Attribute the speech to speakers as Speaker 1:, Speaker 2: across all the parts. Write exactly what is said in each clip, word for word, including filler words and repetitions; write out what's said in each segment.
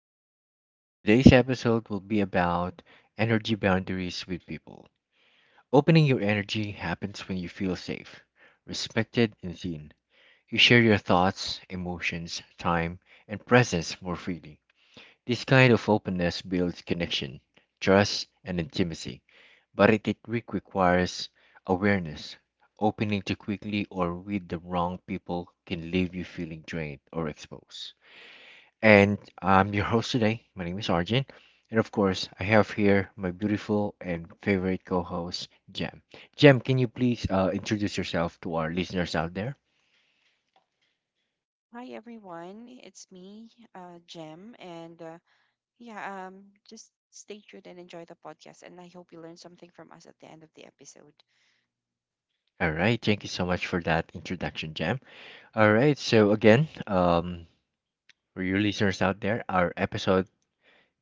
Speaker 1: podcast. Today's episode will be about energy boundaries with people. Opening your energy happens when you feel safe, respected, and seen. You share your thoughts, emotions, time, and presence more freely. This kind of openness builds connection, trust, and intimacy, but it, it re- requires awareness. Opening too quickly or with the wrong people can leave you feeling drained or exposed, and I'm your host today. My name is Arjun, and of course, I have here my beautiful and favorite co host, Jem. Jem, can you please uh, introduce yourself to our listeners out there?
Speaker 2: Hi everyone, it's me, uh, Jem, and uh, yeah, um, just stay tuned and enjoy the podcast. And I hope you learn something from us at the end of the episode.
Speaker 1: All right, thank you so much for that introduction, Jem. All right, so again, um, for your listeners out there, our episode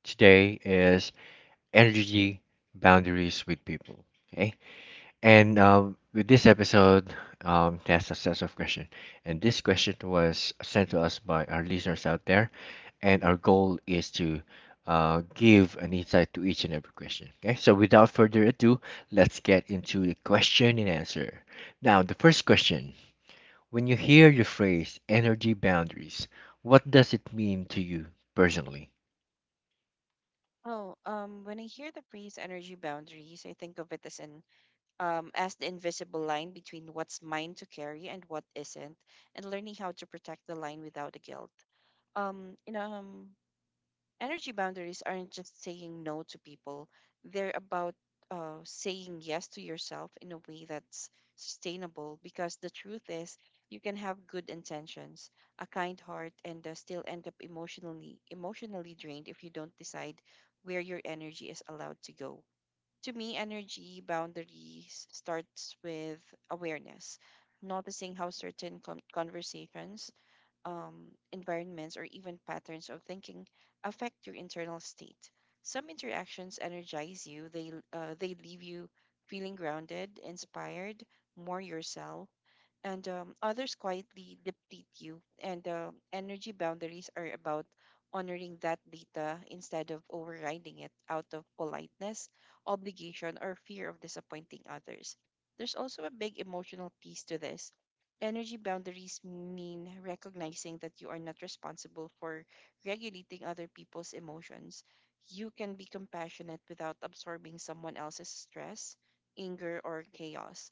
Speaker 1: today is Energy Boundaries with People. Okay. And um, with this episode, um, there's a set of questions. And this question was sent to us by our listeners out there. And our goal is to uh, give an insight to each and every question. Okay, so without further ado, let's get into the question and answer. Now, the first question. When you hear the phrase energy boundaries, what does it mean to you personally?
Speaker 2: Oh, um, when I hear the phrase energy boundaries, I think of it as an um as the invisible line between what's mine to carry and what isn't, and learning how to protect the line without the guilt. Um, you know, um, Energy boundaries aren't just saying no to people, they're about uh, saying yes to yourself in a way that's sustainable, because the truth is you can have good intentions, a kind heart, and uh, still end up emotionally emotionally drained if you don't decide where your energy is allowed to go. To me, energy boundaries starts with awareness, noticing how certain con- conversations, um, environments, or even patterns of thinking affect your internal state. Some interactions energize you, they, uh, they leave you feeling grounded, inspired, more yourself, and um, others quietly deplete you. And uh, energy boundaries are about honoring that data instead of overriding it out of politeness, obligation, or fear of disappointing others. There's also a big emotional piece to this. Energy boundaries mean recognizing that you are not responsible for regulating other people's emotions. You can be compassionate without absorbing someone else's stress, anger, or chaos.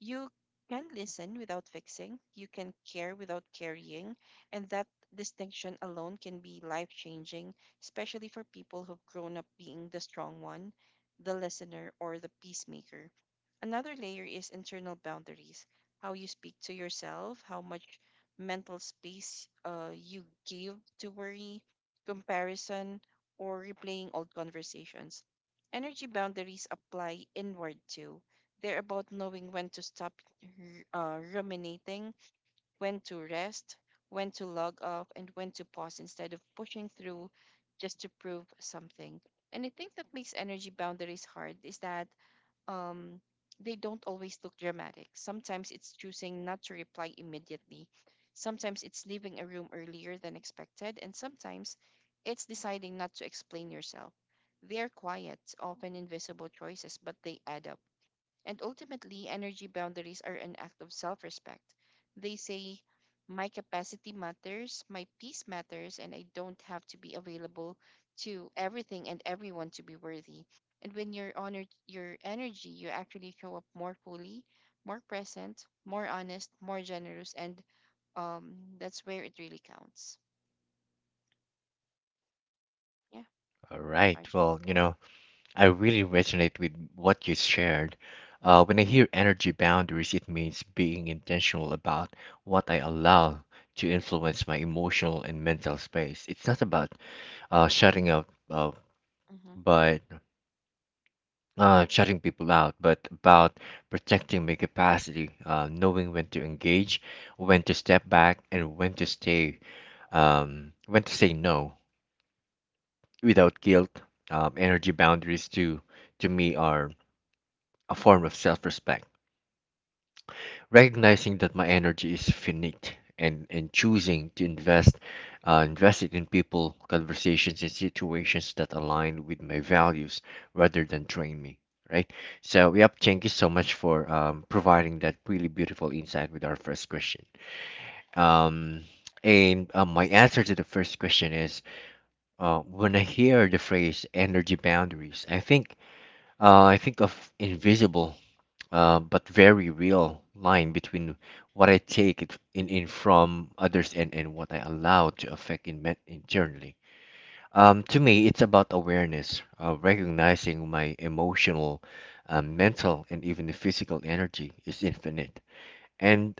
Speaker 2: You can listen without fixing, you can care without carrying, and that distinction alone can be life changing, especially for people who've grown up being the strong one, the listener, or the peacemaker. Another layer is internal boundaries: how you speak to yourself, how much mental space uh, you give to worry, comparison, or replaying old conversations. Energy boundaries apply inward too. They're about knowing when to stop r- uh, ruminating, when to rest, when to log off, and when to pause instead of pushing through just to prove something. And I think that makes energy boundaries hard is that um, they don't always look dramatic. Sometimes it's choosing not to reply immediately. Sometimes it's leaving a room earlier than expected. And sometimes it's deciding not to explain yourself. They're quiet, often invisible choices, but they add up. And ultimately, energy boundaries are an act of self respect. They say, my capacity matters, my peace matters, and I don't have to be available to everything and everyone to be worthy. And when you're honored your energy, you actually show up more fully, more present, more honest, more generous, and um, that's where it really counts. Yeah,
Speaker 1: All right,
Speaker 2: Arjun.
Speaker 1: well, you know, I really resonate with what you shared. Uh, when I hear energy boundaries, it means being intentional about what I allow to influence my emotional and mental space. It's not about uh, shutting out, uh,
Speaker 2: Mm-hmm.
Speaker 1: but uh, shutting people out, but about protecting my capacity, uh, knowing when to engage, when to step back, and when to stay, um, when to say no without guilt. Um, energy boundaries to to me are a form of self-respect, recognizing that my energy is finite, and, and choosing to invest uh, invest it in people, conversations, and situations that align with my values rather than drain me, right. So yep, thank you so much for um, providing that really beautiful insight with our first question. Um, and uh, my answer to the first question is, uh, when I hear the phrase energy boundaries, I think uh, i think of invisible, uh, but very real line between what I take it in, in from others, and, and what I allow to affect in me- internally. Um, to me, it's about awareness, uh, recognizing my emotional, uh, mental, and even the physical energy is infinite, and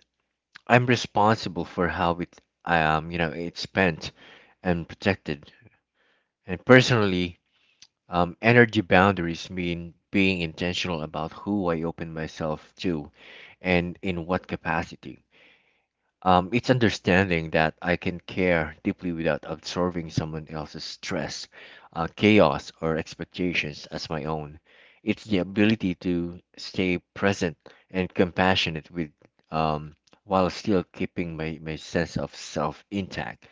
Speaker 1: I'm responsible for how it, um, you know, it's spent and protected. And personally, um, energy boundaries mean being intentional about who I open myself to and in what capacity. Um, it's understanding that I can care deeply without absorbing someone else's stress, uh, chaos, or expectations as my own. It's the ability to stay present and compassionate with, um, while still keeping my, my sense of self intact.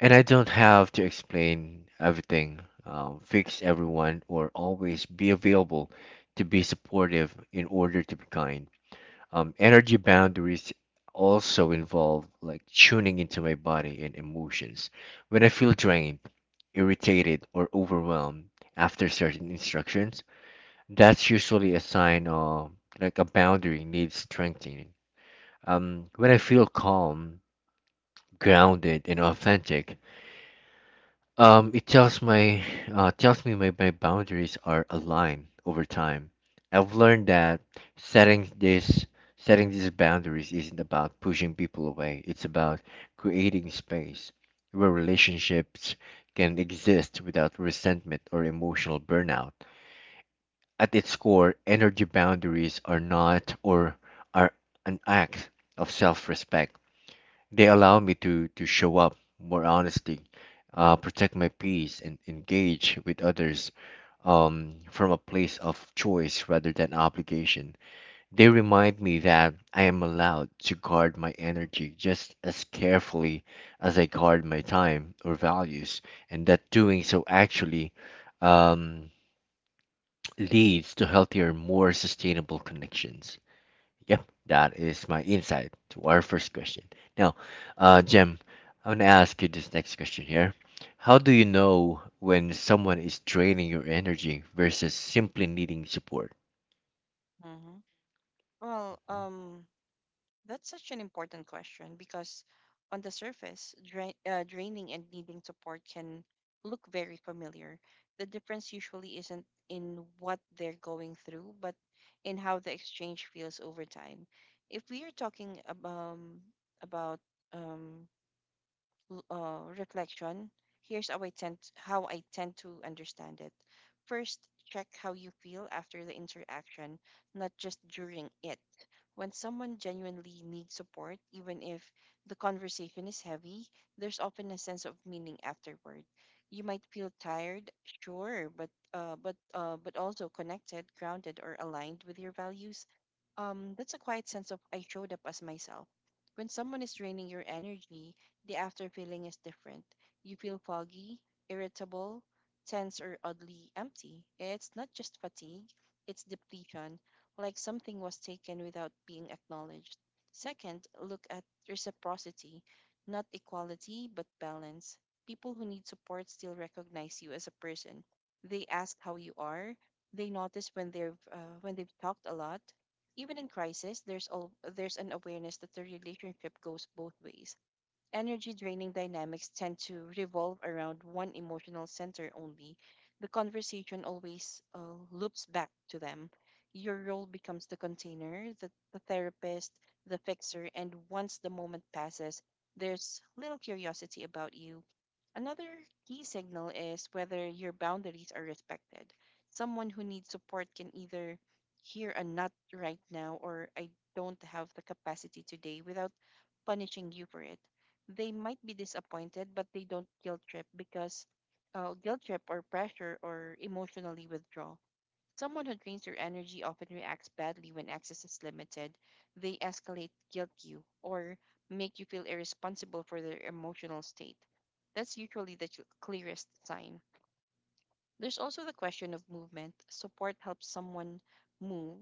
Speaker 1: And I don't have to explain everything, um, fix everyone, or always be available to be supportive in order to be kind. Um, energy boundaries also involve, like, tuning into my body and emotions. When I feel drained, irritated, or overwhelmed after certain instructions, that's usually a sign of, like, a boundary needs strengthening. Um, when I feel calm, grounded, and authentic, Um, it tells my uh, tells me my, my boundaries are aligned. Over time, I've learned that setting this setting these boundaries isn't about pushing people away. It's about creating space where relationships can exist without resentment or emotional burnout. At its core, energy boundaries are not or are an act of self-respect. They allow me to, to show up more honestly, uh, protect my peace, and engage with others um, from a place of choice rather than obligation. They remind me that I am allowed to guard my energy just as carefully as I guard my time or values, and that doing so actually um, leads to healthier, more sustainable connections. Yep, that is my insight to our first question. Now, uh, Jem, I want to ask you this next question here. How do you know when someone is draining your energy versus simply needing support?
Speaker 2: Mm-hmm. Well, um, that's such an important question because, on the surface, dra- uh, draining and needing support can look very familiar. The difference usually isn't in what they're going through, but in how the exchange feels over time. If we are talking ab- um, about um, l- uh, reflection, here's how I tend how I tend to understand it. First, check how you feel after the interaction, not just during it. When someone genuinely needs support, even if the conversation is heavy, there's often a sense of meaning afterward. You might feel tired, sure, but uh, but uh, but also connected, grounded, or aligned with your values. Um, that's a quiet sense of I showed up as myself. When someone is draining your energy, the after feeling is different. You feel foggy, irritable, tense, or oddly empty. It's not just fatigue, it's depletion, like something was taken without being acknowledged. Second, look at reciprocity, not equality, but balance. People who need support still recognize you as a person. They ask how you are. They notice when they've uh, when they've talked a lot, even in crisis, there's al- there's an awareness that the relationship goes both ways. Energy draining dynamics tend to revolve around one emotional center only. The conversation always uh, loops back to them. Your role becomes the container, the, the therapist, the fixer, and once the moment passes, there's little curiosity about you. Another key signal is whether your boundaries are respected. Someone who needs support can either hear a not right now or I don't have the capacity today without punishing you for it. They might be disappointed, but they don't guilt trip because uh, guilt trip or pressure or emotionally withdraw. Someone who drains your energy often reacts badly when access is limited. They escalate, guilt you, or make you feel irresponsible for their emotional state. That's usually the ch- clearest sign. There's also the question of movement. Support helps someone move,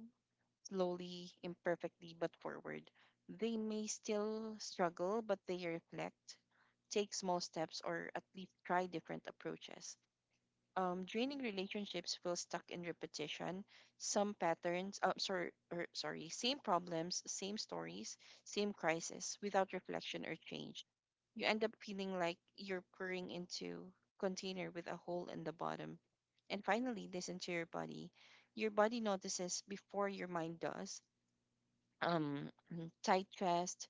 Speaker 2: slowly, imperfectly, but forward. They may still struggle, but they reflect, take small steps, or at least try different approaches. Um, draining relationships feel stuck in repetition. Some patterns, uh, sorry, or, sorry, same problems, same stories, same crisis, without reflection or change. You end up feeling like you're pouring into container with a hole in the bottom. And finally, listen to your body. Your body notices before your mind does. Um, mm, tight chest,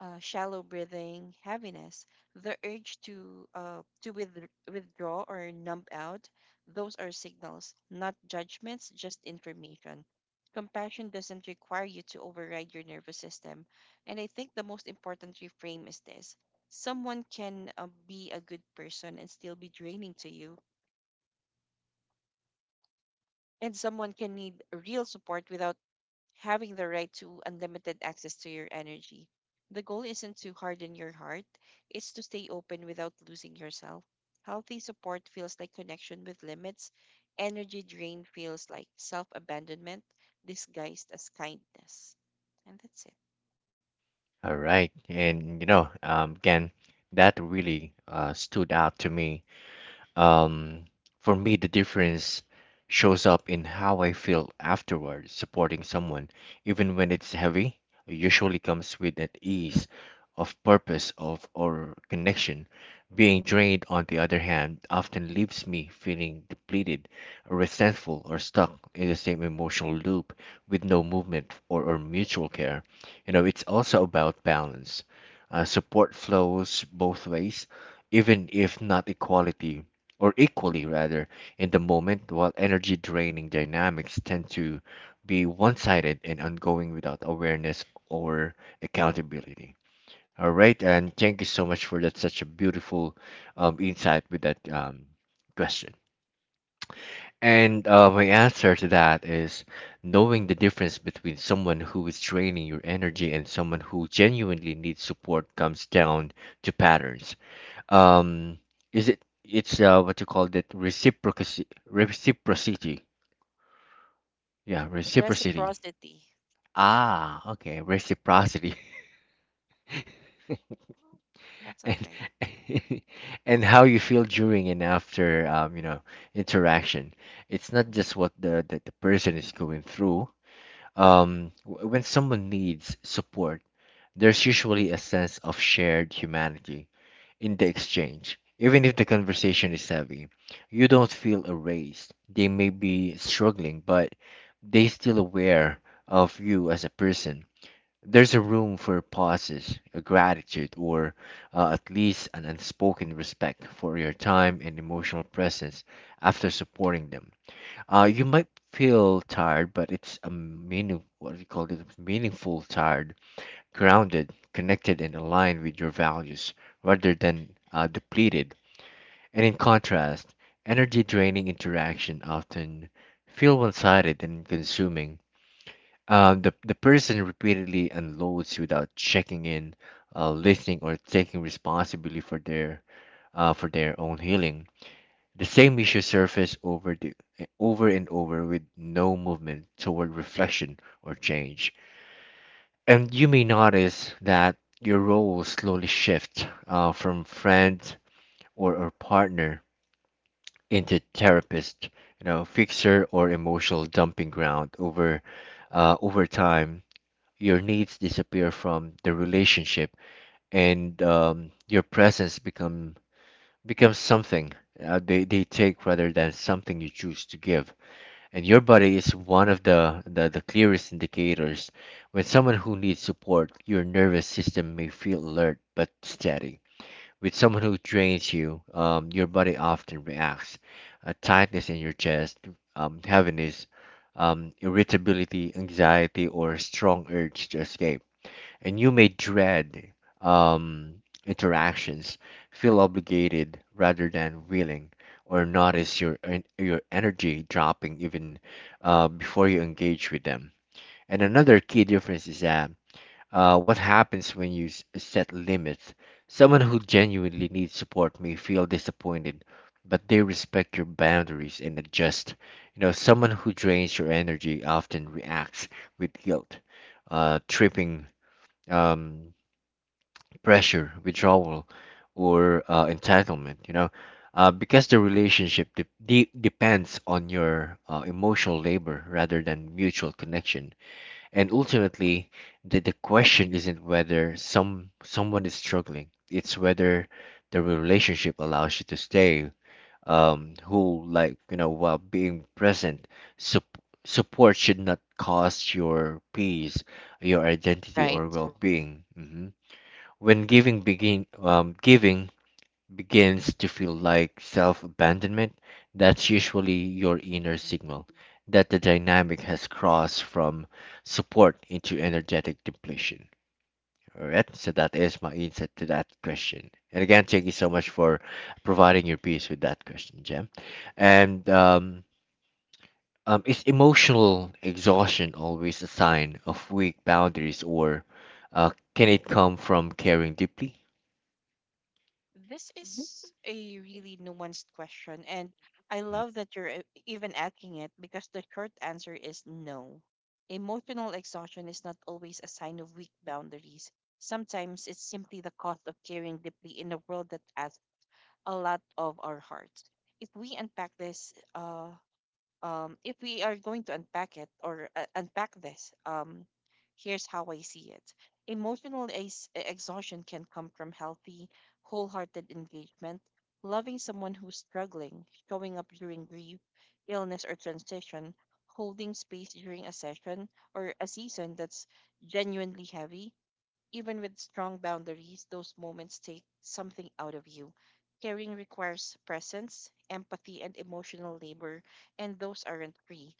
Speaker 2: uh, shallow breathing, heaviness, the urge to uh, to with- withdraw or numb out. Those are signals, not judgments, just information. Compassion doesn't require you to override your nervous system. And I think the most important reframe is this: someone can uh, be a good person and still be draining to you, and someone can need real support without having the right to unlimited access to your energy. The goal isn't to harden your heart, it's to stay open without losing yourself. Healthy support feels like connection with limits. Energy drain feels like self abandonment disguised as kindness. And that's it.
Speaker 1: All right, and you know, um, again, that really uh, stood out to me. Um, for me, the difference shows up in how I feel afterward. Supporting someone, even when it's heavy, usually comes with an ease of purpose of or connection. Being drained, on the other hand, often leaves me feeling depleted, resentful, or stuck in the same emotional loop with no movement or, or mutual care. You know, it's also about balance. Uh, support flows both ways, even if not equality, or equally rather, in the moment, while energy draining dynamics tend to be one sided and ongoing without awareness or accountability. All right, and thank you so much for that, such a beautiful um, insight with that um, question. And uh, my answer to that is, knowing the difference between someone who is draining your energy and someone who genuinely needs support comes down to patterns. Um is it it's uh what you call that, reciprocity. Reciprocity, yeah, reciprocity.
Speaker 2: Reciprocity.
Speaker 1: Ah, okay, reciprocity.
Speaker 2: That's all
Speaker 1: And
Speaker 2: right.
Speaker 1: and how you feel during and after um you know interaction. It's not
Speaker 2: Mhm.
Speaker 1: just what the the, the person is going through. Um w- when someone needs support, there's usually a sense of shared humanity in the exchange. Even if the conversation is heavy, you don't feel erased. They may be struggling, but they still aware of you as a person. There's a room for pauses, a gratitude, or uh, at least an unspoken respect for your time and emotional presence. After supporting them, Uh, you might feel tired, but it's a meaning, what do you call it? Meaningful tired, grounded, connected, and aligned with your values rather than uh, depleted. And in contrast, energy draining interaction often feel one sided and consuming. Um, the, the person repeatedly unloads without checking in, uh, listening, or taking responsibility for their uh, for their own healing. The same issue surface over the, over and over with no movement toward reflection or change. And you may notice that your role slowly shifts uh, from friend or, or partner into therapist, you know, fixer or emotional dumping ground. Over uh, over time, your needs disappear from the relationship, and um, your presence become becomes something uh, they they take rather than something you choose to give. And your body is one of the, the, the clearest indicators. When someone who needs support, your nervous system may feel alert but steady. With someone who drains you, um, your body often reacts. A tightness in your chest, um, heaviness, um, irritability, anxiety, or strong urge to escape. And you may dread um, interactions, feel obligated rather than willing, or notice your en- your energy dropping even uh, before you engage with them. And another key difference is that uh, what happens when you s- set limits. Someone who genuinely needs support may feel disappointed, but they respect your boundaries and adjust. You know, someone who drains your energy often reacts with guilt, uh, tripping. Um, Pressure, withdrawal, or uh, entitlement, you know, uh, because the relationship de- de- depends on your uh, emotional labor rather than mutual connection. And ultimately, the, the question isn't whether some someone is struggling, it's whether the relationship allows you to stay um, whole, like, you know, while being present. Sup- Support should not cost your peace, your identity,
Speaker 2: Right.
Speaker 1: or well being. When giving begin um, giving begins to feel like self-abandonment, that's usually your inner signal that the dynamic has crossed from support into energetic depletion. All right, so that is my insight to that question. And again, thank you so much for providing your piece with that question, Jem. And um, um, is emotional exhaustion always a sign of weak boundaries, or uh, can it come from caring deeply?
Speaker 2: This is a really nuanced question, and I love that you're e- even asking it, because the short answer is no. Emotional exhaustion is not always a sign of weak boundaries. Sometimes it's simply the cost of caring deeply in a world that asks a lot of our hearts. If we unpack this, uh, um, if we are going to unpack it or uh, unpack this, um, here's how I see it. Emotional ex- exhaustion can come from healthy, wholehearted engagement, loving someone who's struggling, showing up during grief, illness, or transition, holding space during a session or a season that's genuinely heavy. Even with strong boundaries, those moments take something out of you. Caring requires presence, empathy, and emotional labor, and those aren't free.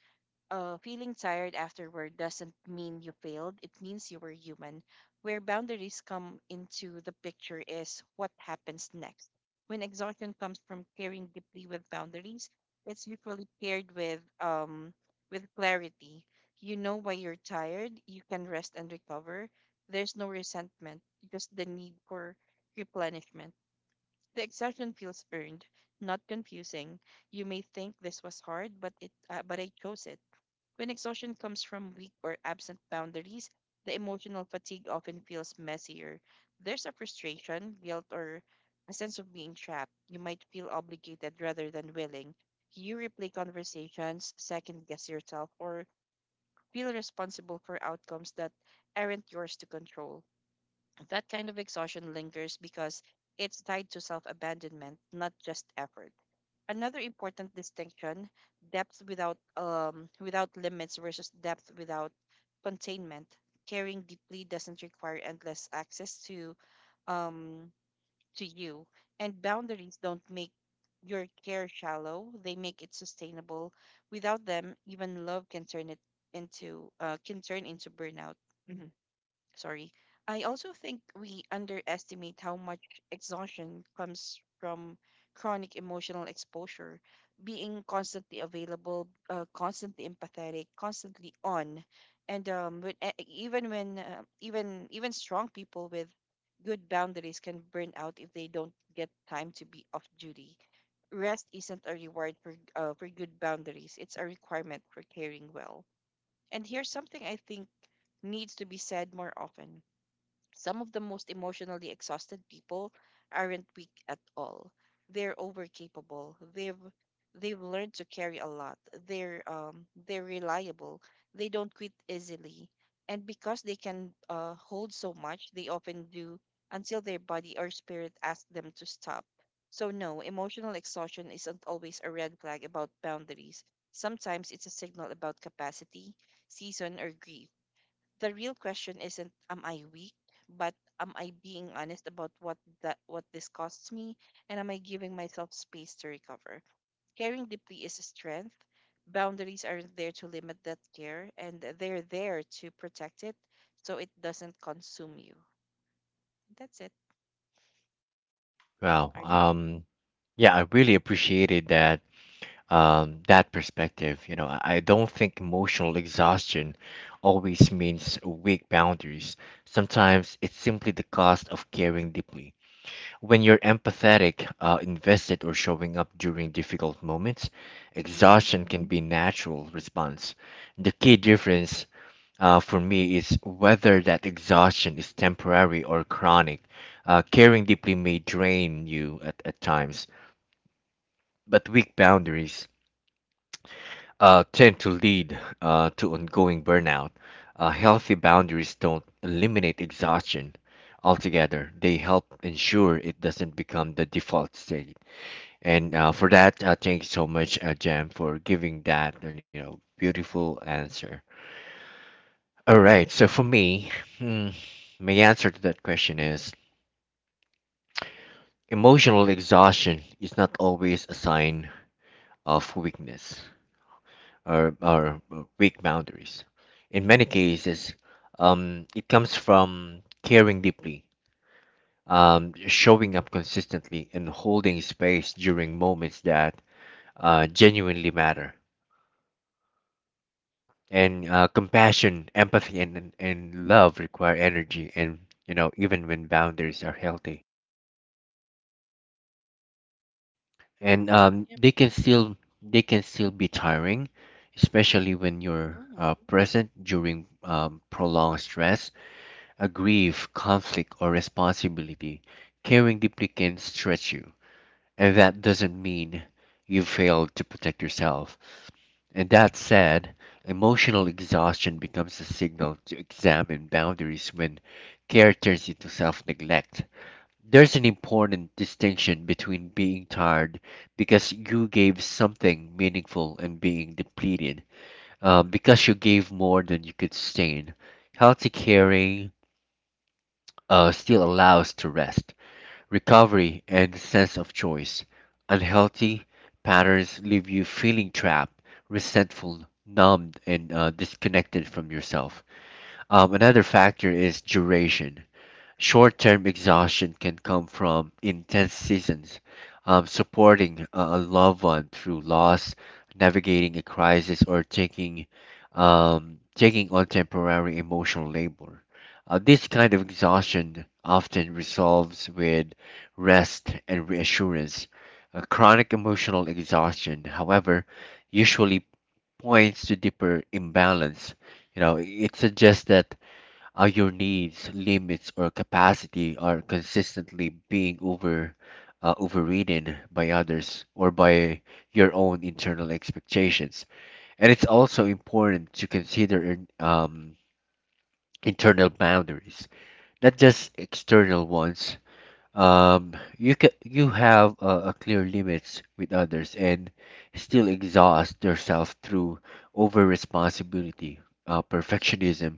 Speaker 2: uh, Feeling tired afterward doesn't mean you failed. It means you were human. Where boundaries come into the picture is what happens next. When exhaustion comes from caring deeply with boundaries, it's usually paired with um with clarity. You know why you're tired. You can rest and recover. There's no resentment, just the need for replenishment. The exhaustion feels earned, not confusing. You may think this was hard, but it uh, but I chose it. When exhaustion comes from weak or absent boundaries, the emotional fatigue often feels messier. There's a frustration, guilt, or a sense of being trapped. You might feel obligated rather than willing. You replay conversations, second guess yourself, or feel responsible for outcomes that aren't yours to control. That kind of exhaustion lingers because it's tied to self abandonment, not just effort. Another important distinction, depth without um without limits versus depth without containment. Caring deeply doesn't require endless access to um to you, and boundaries don't make your care shallow, they make it sustainable. Without them, even love can turn it into uh, can turn into burnout. Sorry. I also think we underestimate how much exhaustion comes from chronic emotional exposure, being constantly available, uh, constantly empathetic, constantly on, and um, when, e- e, even when uh, even even strong people with good boundaries can burn out if they don't get time to be off duty. Rest isn't a reward for uh, for good boundaries; it's a requirement for caring well. And here's something I think needs to be said more often: some of the most emotionally exhausted people aren't weak at all. They're overcapable. They've they've learned to carry a lot. They're um they're reliable. They don't quit easily. And because they can uh, hold so much, they often do until their body or spirit asks them to stop. So no, emotional exhaustion isn't always a red flag about boundaries. Sometimes it's a signal about capacity, season, or grief. The real question isn't am I weak, but am I being honest about what that what this costs me, and am I giving myself space to recover? Caring deeply is a strength. Boundaries are there to limit that care, and they're there to protect it so it doesn't consume you. That's it.
Speaker 1: Well,
Speaker 2: Arjun?
Speaker 1: um, yeah, I really appreciated that, um, that perspective. You know, I I don't think emotional exhaustion always means weak boundaries. Sometimes it's simply the cost of caring deeply. When you're empathetic, uh, invested, or showing up during difficult moments,
Speaker 2: Mm-hmm.
Speaker 1: exhaustion can be a natural response. The key difference, uh, for me, is whether that exhaustion is temporary or chronic. Uh, caring deeply may drain you at, at times, but weak boundaries uh, tend to lead, uh, to ongoing burnout. Uh, healthy boundaries don't eliminate exhaustion altogether; they help ensure it doesn't become the default state. And uh, for that, uh, thank you so much, uh, Jem, for giving that you know beautiful answer. All right. So for me, hmm, my answer to that question is, emotional exhaustion is not always a sign of weakness or, or weak boundaries. In many cases, um, it comes from caring deeply, um, showing up consistently, and holding space during moments that uh, genuinely matter. And uh, compassion, empathy, and, and and love require energy, and you know even when boundaries are healthy, and um,
Speaker 2: Yep.
Speaker 1: they can still they can still be tiring, especially when you're
Speaker 2: Mm.
Speaker 1: uh, present during um, prolonged stress, a grief, conflict, or responsibility. Caring deeply can stretch you, and that doesn't mean you failed to protect yourself. And that said, emotional exhaustion becomes a signal to examine boundaries when care turns into self neglect. There's an important distinction between being tired because you gave something meaningful and being depleted uh, because you gave more than you could sustain. Healthy caring uh, still allows to rest, recovery, and the sense of choice. Unhealthy patterns leave you feeling trapped, resentful, numbed, and uh, disconnected from yourself. Um, another factor is duration. Short term exhaustion can come from intense seasons, um, supporting a a loved one through loss, navigating a crisis, or taking, um, taking on temporary emotional labor. Uh, this kind of exhaustion often resolves with rest and reassurance. Uh, chronic emotional exhaustion, however, usually points to deeper imbalance. You know, it suggests that uh, your needs, limits, or capacity are consistently being over uh, overridden by others or by your own internal expectations. And it's also important to consider in- um, internal boundaries, not just external ones. Um, you can you have uh, a clear limits with others and still exhaust yourself through over responsibility, uh, perfectionism,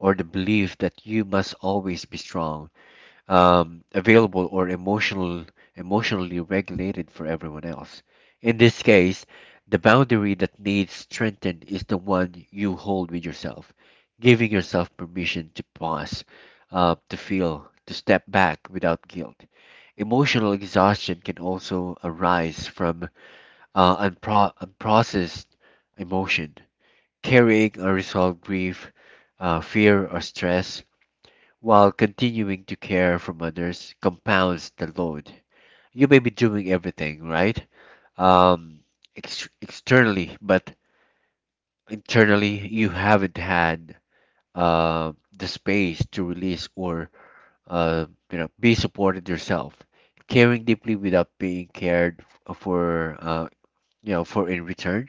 Speaker 1: or the belief that you must always be strong, um, available, or emotional emotionally regulated for everyone else. In this case, the boundary that needs strengthened is the one you hold with yourself, giving yourself permission to pause, uh, to feel, to step back without guilt. Emotional exhaustion can also arise from uh, unpro- unprocessed emotion, carrying unresolved grief, uh, fear, or stress while continuing to care from others compounds the load. You may be doing everything, right? Um, ex- externally, but internally, you haven't had uh, the space to release or uh, you know be supported yourself. Caring deeply without being cared f- for, uh, you know, for in return,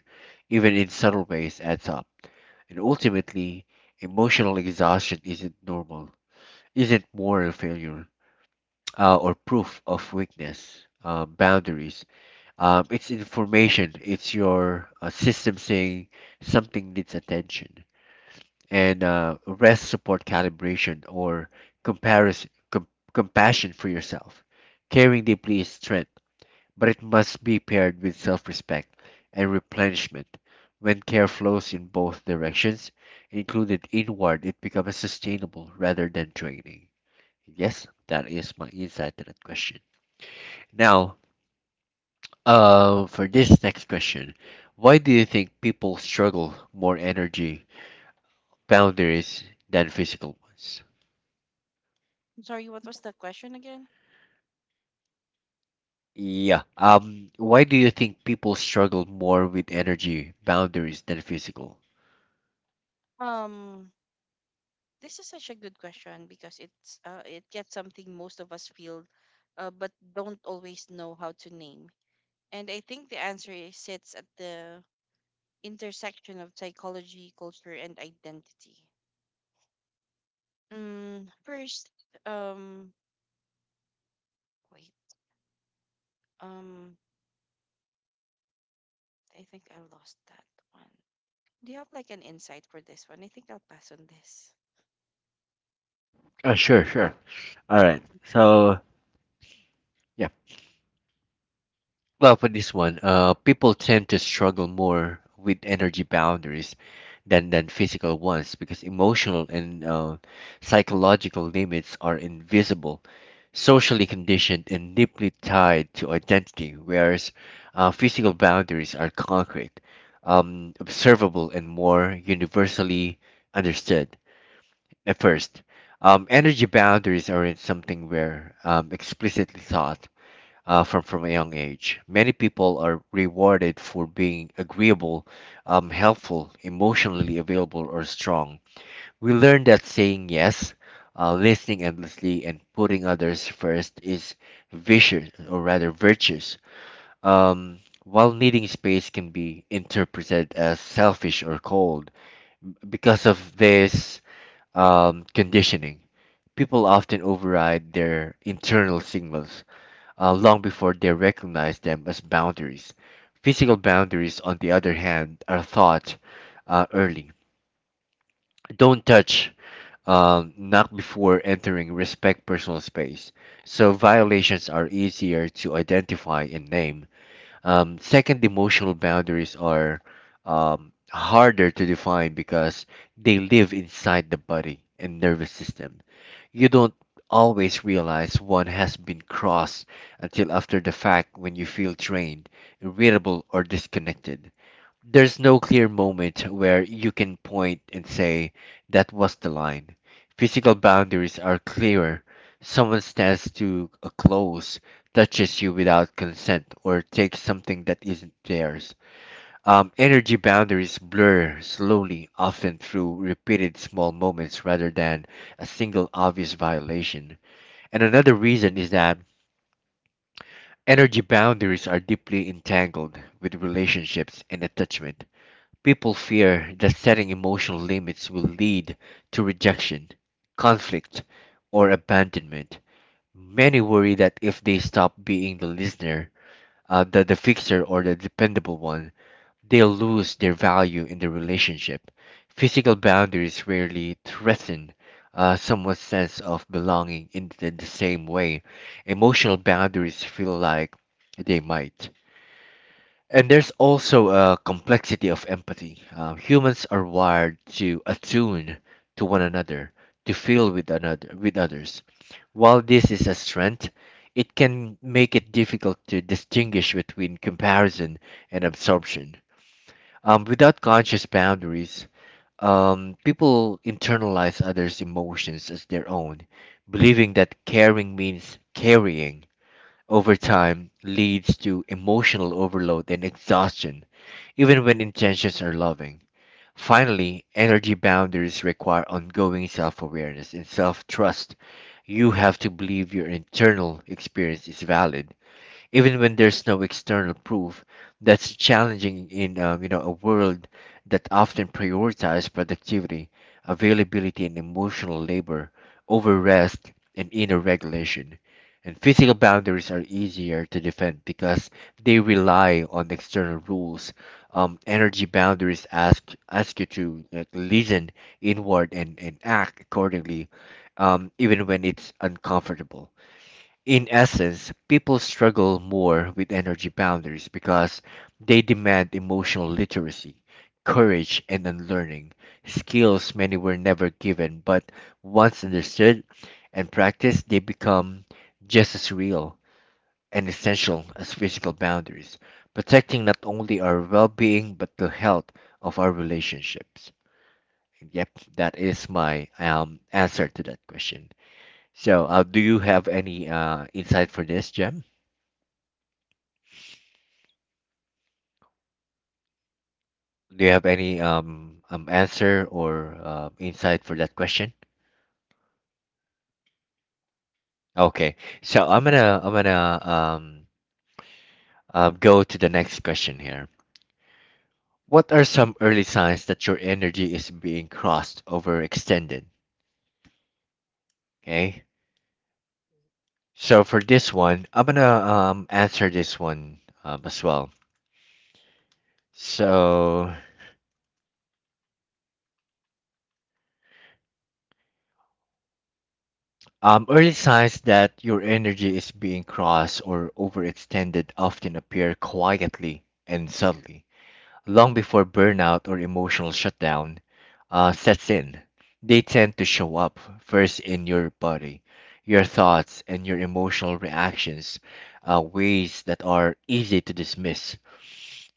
Speaker 1: even in subtle ways, adds up. And ultimately, emotional exhaustion isn't normal, isn't moral failure uh, or proof of weakness, um, boundaries. Um, it's information. It's your uh, system saying something needs attention. And uh, Rest, support, calibration, or comparison, com- compassion for yourself. Caring deeply is strength, but it must be paired with self-respect and replenishment. When care flows in both directions, included inward, it becomes sustainable rather than draining. Yes, that is my insight to that question. Now, uh, for this next question, why do you think people struggle more energy boundaries than physical ones?
Speaker 2: I'm sorry, what was the question again?
Speaker 1: Yeah. Um, why do you think people struggle more with energy boundaries than physical?
Speaker 2: Um, this is such a good question, because it's uh, it gets something most of us feel, uh, but don't always know how to name. And I think the answer is- sits at the intersection of psychology, culture, and identity. Mm, first, um, wait, um, I think I lost that one. Do you have like an insight for this one? I think I'll pass on this.
Speaker 1: Uh, sure, sure. All right.
Speaker 2: Thank you.
Speaker 1: So, yeah. Well, for this one, uh, people tend to struggle more with energy boundaries than than physical ones because emotional and uh, psychological limits are invisible, socially conditioned, and deeply tied to identity, whereas uh, physical boundaries are concrete, um, observable, and more universally understood. At first, um, energy boundaries aren't something we're um, explicitly taught uh, from from a young age. Many people are rewarded for being agreeable, um, helpful, emotionally available, or strong. We learn that saying yes, uh, listening endlessly, and putting others first is vicious, or rather virtuous. Um, while needing space can be interpreted as selfish or cold, because of this um, conditioning, people often override their internal signals uh, long before they recognize them as boundaries. Physical boundaries, on the other hand, are thought uh, early. Don't touch, um, not before entering, respect personal space. So violations are easier to identify and name. Um, second, emotional boundaries are um, harder to define because they live inside the body and nervous system. You don't always realize one has been crossed until after the fact when you feel drained, irritable, or disconnected. There's no clear moment where you can point and say, that was the line. Physical boundaries are clearer. Someone stands too uh, close, touches you without consent, or takes something that isn't theirs. Um, energy boundaries blur slowly, often through repeated small moments rather than a single obvious violation. And another reason is that energy boundaries are deeply entangled with relationships and attachment. People fear that setting emotional limits will lead to rejection, conflict, or abandonment. Many worry that if they stop being the listener, uh, the, the fixer, or the dependable one, they lose their value in the relationship. Physical boundaries rarely threaten uh, someone's sense of belonging in the, the same way. Emotional boundaries feel like they might. And there's also a complexity of empathy. Uh, humans are wired to attune to one another, to feel with another with others. While this is a strength, it can make it difficult to distinguish between comparison and absorption. Um, without conscious boundaries, um, people internalize others' emotions as their own, believing that caring means carrying. Over time, leads to emotional overload and exhaustion, even when intentions are loving. Finally, energy boundaries require ongoing self awareness and self trust. You have to believe your internal experience is valid even when there's no external proof. That's challenging in um, you know a world that often prioritizes productivity, availability, and emotional labor over rest and inner regulation. And physical boundaries are easier to defend because they rely on external rules. Um, energy boundaries ask ask you to like, listen inward and, and act accordingly, um, even when it's uncomfortable. In essence, people struggle more with energy boundaries because they demand emotional literacy, courage, and unlearning, skills many were never given, but once understood and practiced, they become just as real and essential as physical boundaries, protecting not only our well being but the health of our relationships. And yep, that is my um, answer to that question. So, uh, do you have any uh, insight for this, Jem? Do you have any um, um answer or uh, insight for that question? Okay, so I'm gonna I'm gonna um uh, go to the next question here. What are some early signs that your energy is being crossed over extended? Okay, so for this one, I'm gonna um answer this one um, as well. So um early signs that your energy is being crossed or overextended often appear quietly and subtly long before burnout or emotional shutdown uh, sets in. They tend to show up first in your body, your thoughts, and your emotional reactions, uh, ways that are easy to dismiss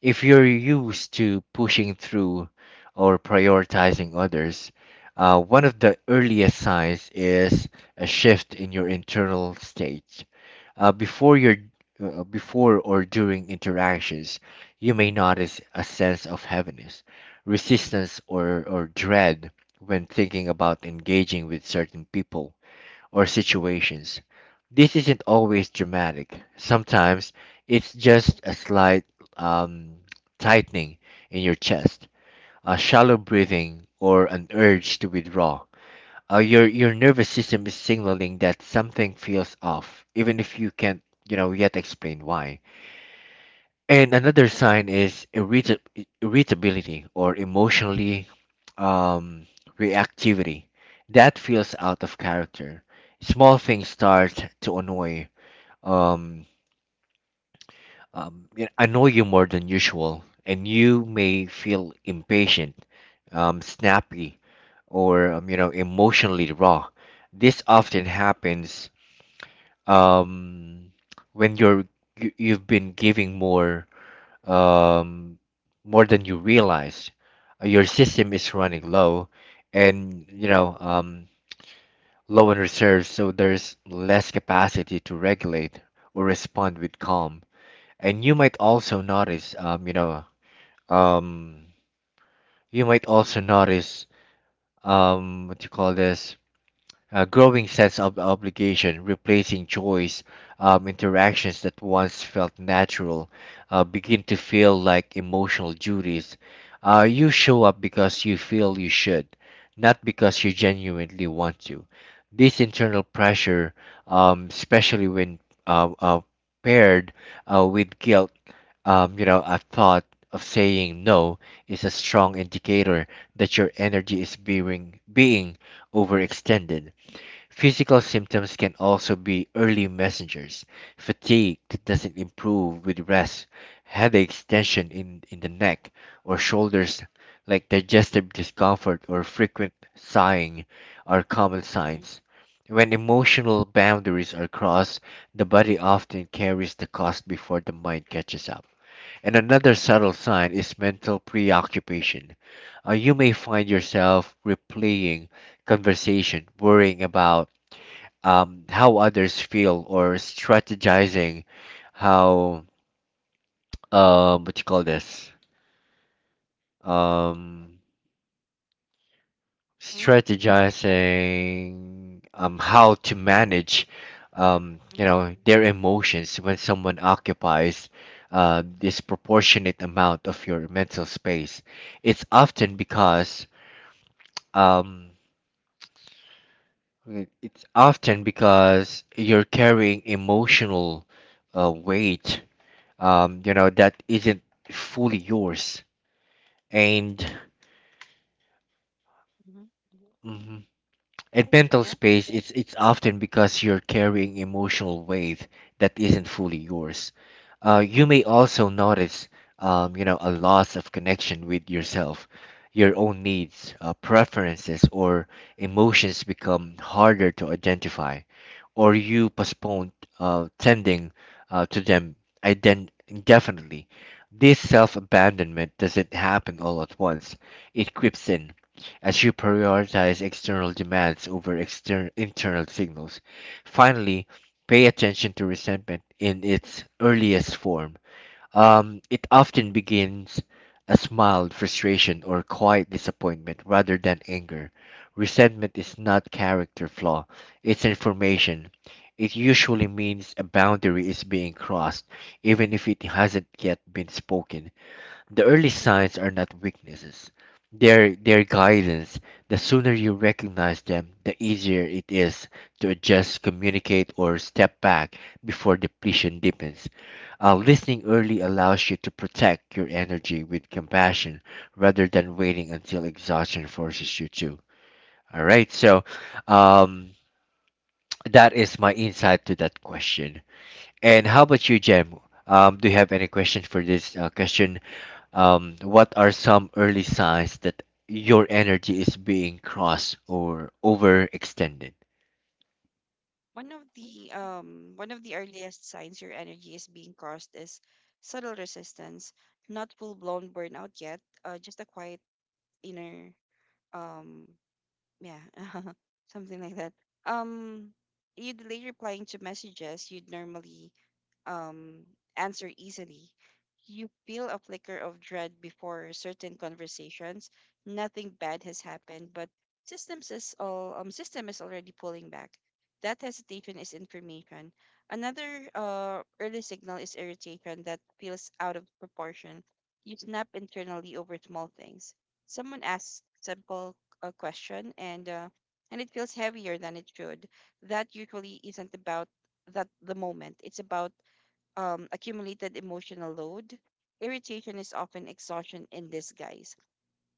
Speaker 1: if you're used to pushing through or prioritizing others. Uh, one of the earliest signs is a shift in your internal state. Uh, before your uh, before or during interactions, you may notice a sense of heaviness, resistance, or, or dread when thinking about engaging with certain people or situations. This isn't always dramatic. Sometimes it's just a slight um, tightening in your chest, a shallow breathing, or an urge to withdraw. Uh, your your nervous system is signaling that something feels off, even if you can't you know yet explain why. And another sign is irrita- irritability or emotionally um, reactivity. That feels out of character. Small things start to annoy, um, um, y- annoy you more than usual, and you may feel impatient, um, snappy, or um, you know emotionally raw. This often happens um, when you're you, you've been giving more um, more than you realize. Uh, Your system is running low, and you know um, low on reserves, so there's less capacity to regulate or respond with calm. And you might also notice, um, you know, um, you might also notice um, what you call this a growing sense of obligation, replacing choice. Um, interactions that once felt natural uh, begin to feel like emotional duties. Uh, you show up because you feel you should, not because you genuinely want to. This internal pressure, um, especially when uh, uh, paired uh, with guilt, um, you know, a thought of saying no is a strong indicator that your energy is being being overextended. Physical symptoms can also be early messengers, fatigue that doesn't improve with rest, headaches, tension in, in the neck or shoulders, like digestive discomfort or frequent sighing, are common
Speaker 2: Mm-hmm.
Speaker 1: signs. When emotional boundaries are crossed, the body often carries the cost before the mind catches up. And another subtle sign is mental preoccupation. Uh, you may find yourself replaying conversation, worrying about um, how others feel or strategizing how um, what you call this um,
Speaker 2: Mm-hmm.
Speaker 1: strategizing um, how to manage um, you know their emotions. When someone occupies a disproportionate amount of your mental space, it's often because um, it- it's often because you're carrying emotional uh, weight um, you know, that isn't fully yours. And
Speaker 2: Hmm.
Speaker 1: Mhm. At mental
Speaker 2: Yeah.
Speaker 1: space, it's it's often because you're carrying emotional weight that isn't fully yours. Uh, you may also notice, um, you know, a loss of connection with yourself. Your own needs, uh, preferences, or emotions become harder to identify, or you postpone uh, tending uh, to them ident- indefinitely. This self abandonment doesn't happen all at once. It creeps in as you prioritize external demands over exter- internal signals. Finally, pay attention to resentment in its earliest form. Um, it often begins as mild frustration or quiet disappointment rather than anger. Resentment is not character flaw, it's information. It usually means a boundary is being crossed, even if it hasn't yet been spoken. The early signs are not weaknesses. They're, they're guidance. The sooner you recognize them, the easier it is to adjust, communicate, or step back before depletion deepens. Uh, listening early allows you to protect your energy with compassion rather than waiting until exhaustion forces you to. All right, so um, that is my insight to that question. And how about you, Jem? Um, do you have any questions for this uh, question, um, what are some early signs that your energy is being crossed or overextended?
Speaker 2: One of the um one of the earliest signs your energy is being crossed is subtle resistance, not full blown burnout yet, uh, just a quiet inner um yeah, something like that. Um, You'd delay replying to messages you'd normally um, answer easily. You feel a flicker of dread before certain conversations. Nothing bad has happened, but systems is all, um, system is already pulling back. That hesitation is information. Another uh, early signal is irritation that feels out of proportion. You snap internally over small things. Someone asks simple a question and uh, and it feels heavier than it should. That usually isn't about that the moment. It's about um, accumulated emotional load. Irritation is often exhaustion in disguise.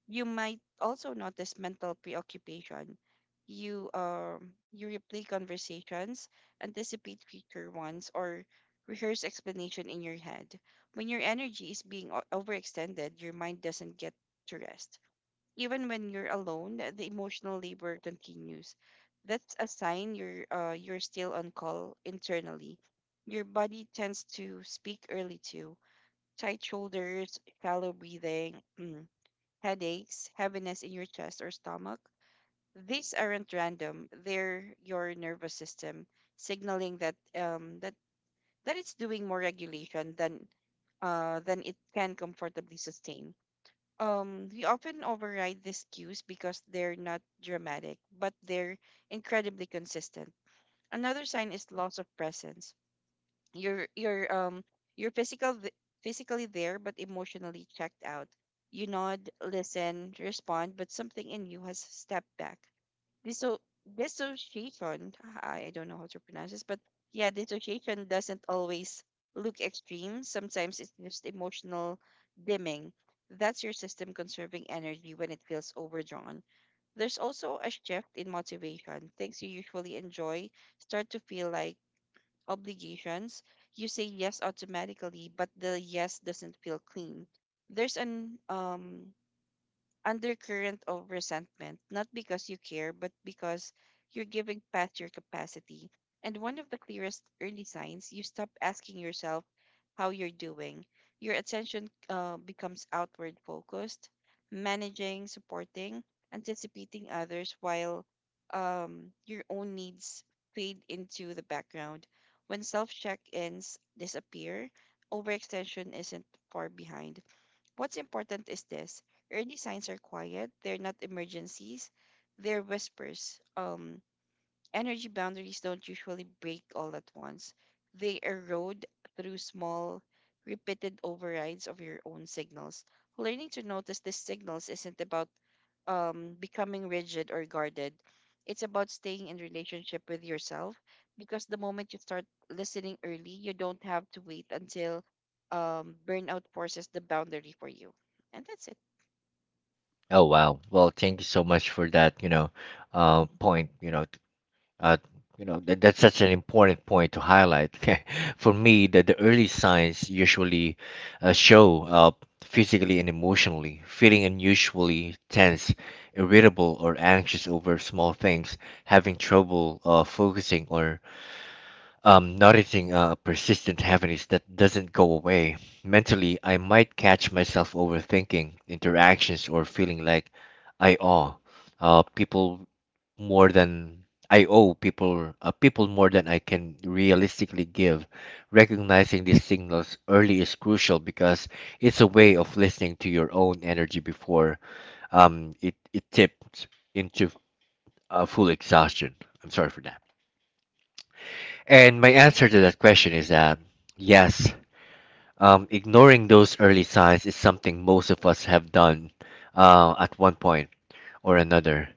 Speaker 2: You might also notice mental preoccupation. You um you replay conversations, anticipate future ones, or rehearse explanation in your head. When your energy is being o- overextended, your mind doesn't get to rest. Even when you're alone, the emotional labor continues. That's a sign you're uh, you're still on call internally. Your body tends to speak early too. Tight shoulders, shallow breathing, mm, headaches, heaviness in your chest or stomach. These aren't random. They're your nervous system signaling that um that that it's doing more regulation than uh than it can comfortably sustain. Um, we often override these cues because they're not dramatic, but they're incredibly consistent. Another sign is loss of presence. You're you're um you're physical th- physically there but emotionally checked out. You nod, listen, respond, but something in you has stepped back. disso- Dissociation. I don't know how to pronounce this, but yeah, dissociation doesn't always look extreme. Sometimes it's just emotional dimming. That's your system conserving energy when it feels overdrawn. There's also a shift in motivation. Things you usually enjoy start to feel like obligations. You say yes automatically, but the yes doesn't feel clean. There's an um undercurrent of resentment, not because you care, but because you're giving past your capacity. And one of the clearest early signs, you stop asking yourself how you're doing. Your attention uh, becomes outward focused, managing, supporting, anticipating others while um, your own needs fade into the background. When self check ins disappear, overextension isn't far behind. What's important is this: early signs are quiet, they're not emergencies, they're whispers. Um, Energy boundaries don't usually break all at once. They erode through small, repeated overrides of your own signals. Learning to notice these signals isn't about um, becoming rigid or guarded. It's about staying in relationship with yourself, because the moment you start listening early, you don't have to wait until um, burnout forces the boundary for you. And that's it.
Speaker 1: Oh wow. Well, thank you so much for that, you know, uh, point, you know, t- uh, you know, that, that's such an important point to highlight. For me, that the early signs usually uh, show up physically and emotionally, feeling unusually tense, irritable or anxious over small things, having trouble uh, focusing or um, noticing a persistent heaviness that doesn't go away. Mentally, I might catch myself overthinking interactions or feeling like I owe uh, people more than I owe people uh, people more than I can realistically give. Recognizing these signals early is crucial because it's a way of listening to your own energy before um, it it tips into uh, full exhaustion. I'm sorry for that. And my answer to that question is that yes, um, ignoring those early signs is something most of us have done uh, at one point or another.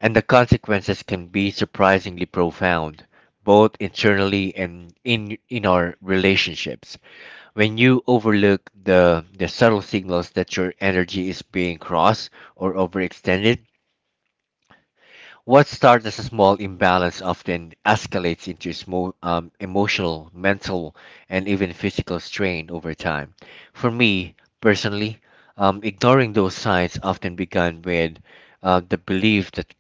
Speaker 1: And the consequences can be surprisingly profound, both internally and in, in our relationships. When you overlook the, the subtle signals that your energy is being crossed or overextended, what starts as a small imbalance often escalates into smo- um, emotional, mental, and even physical strain over time. For me, personally, um, ignoring those signs often began with uh, the belief that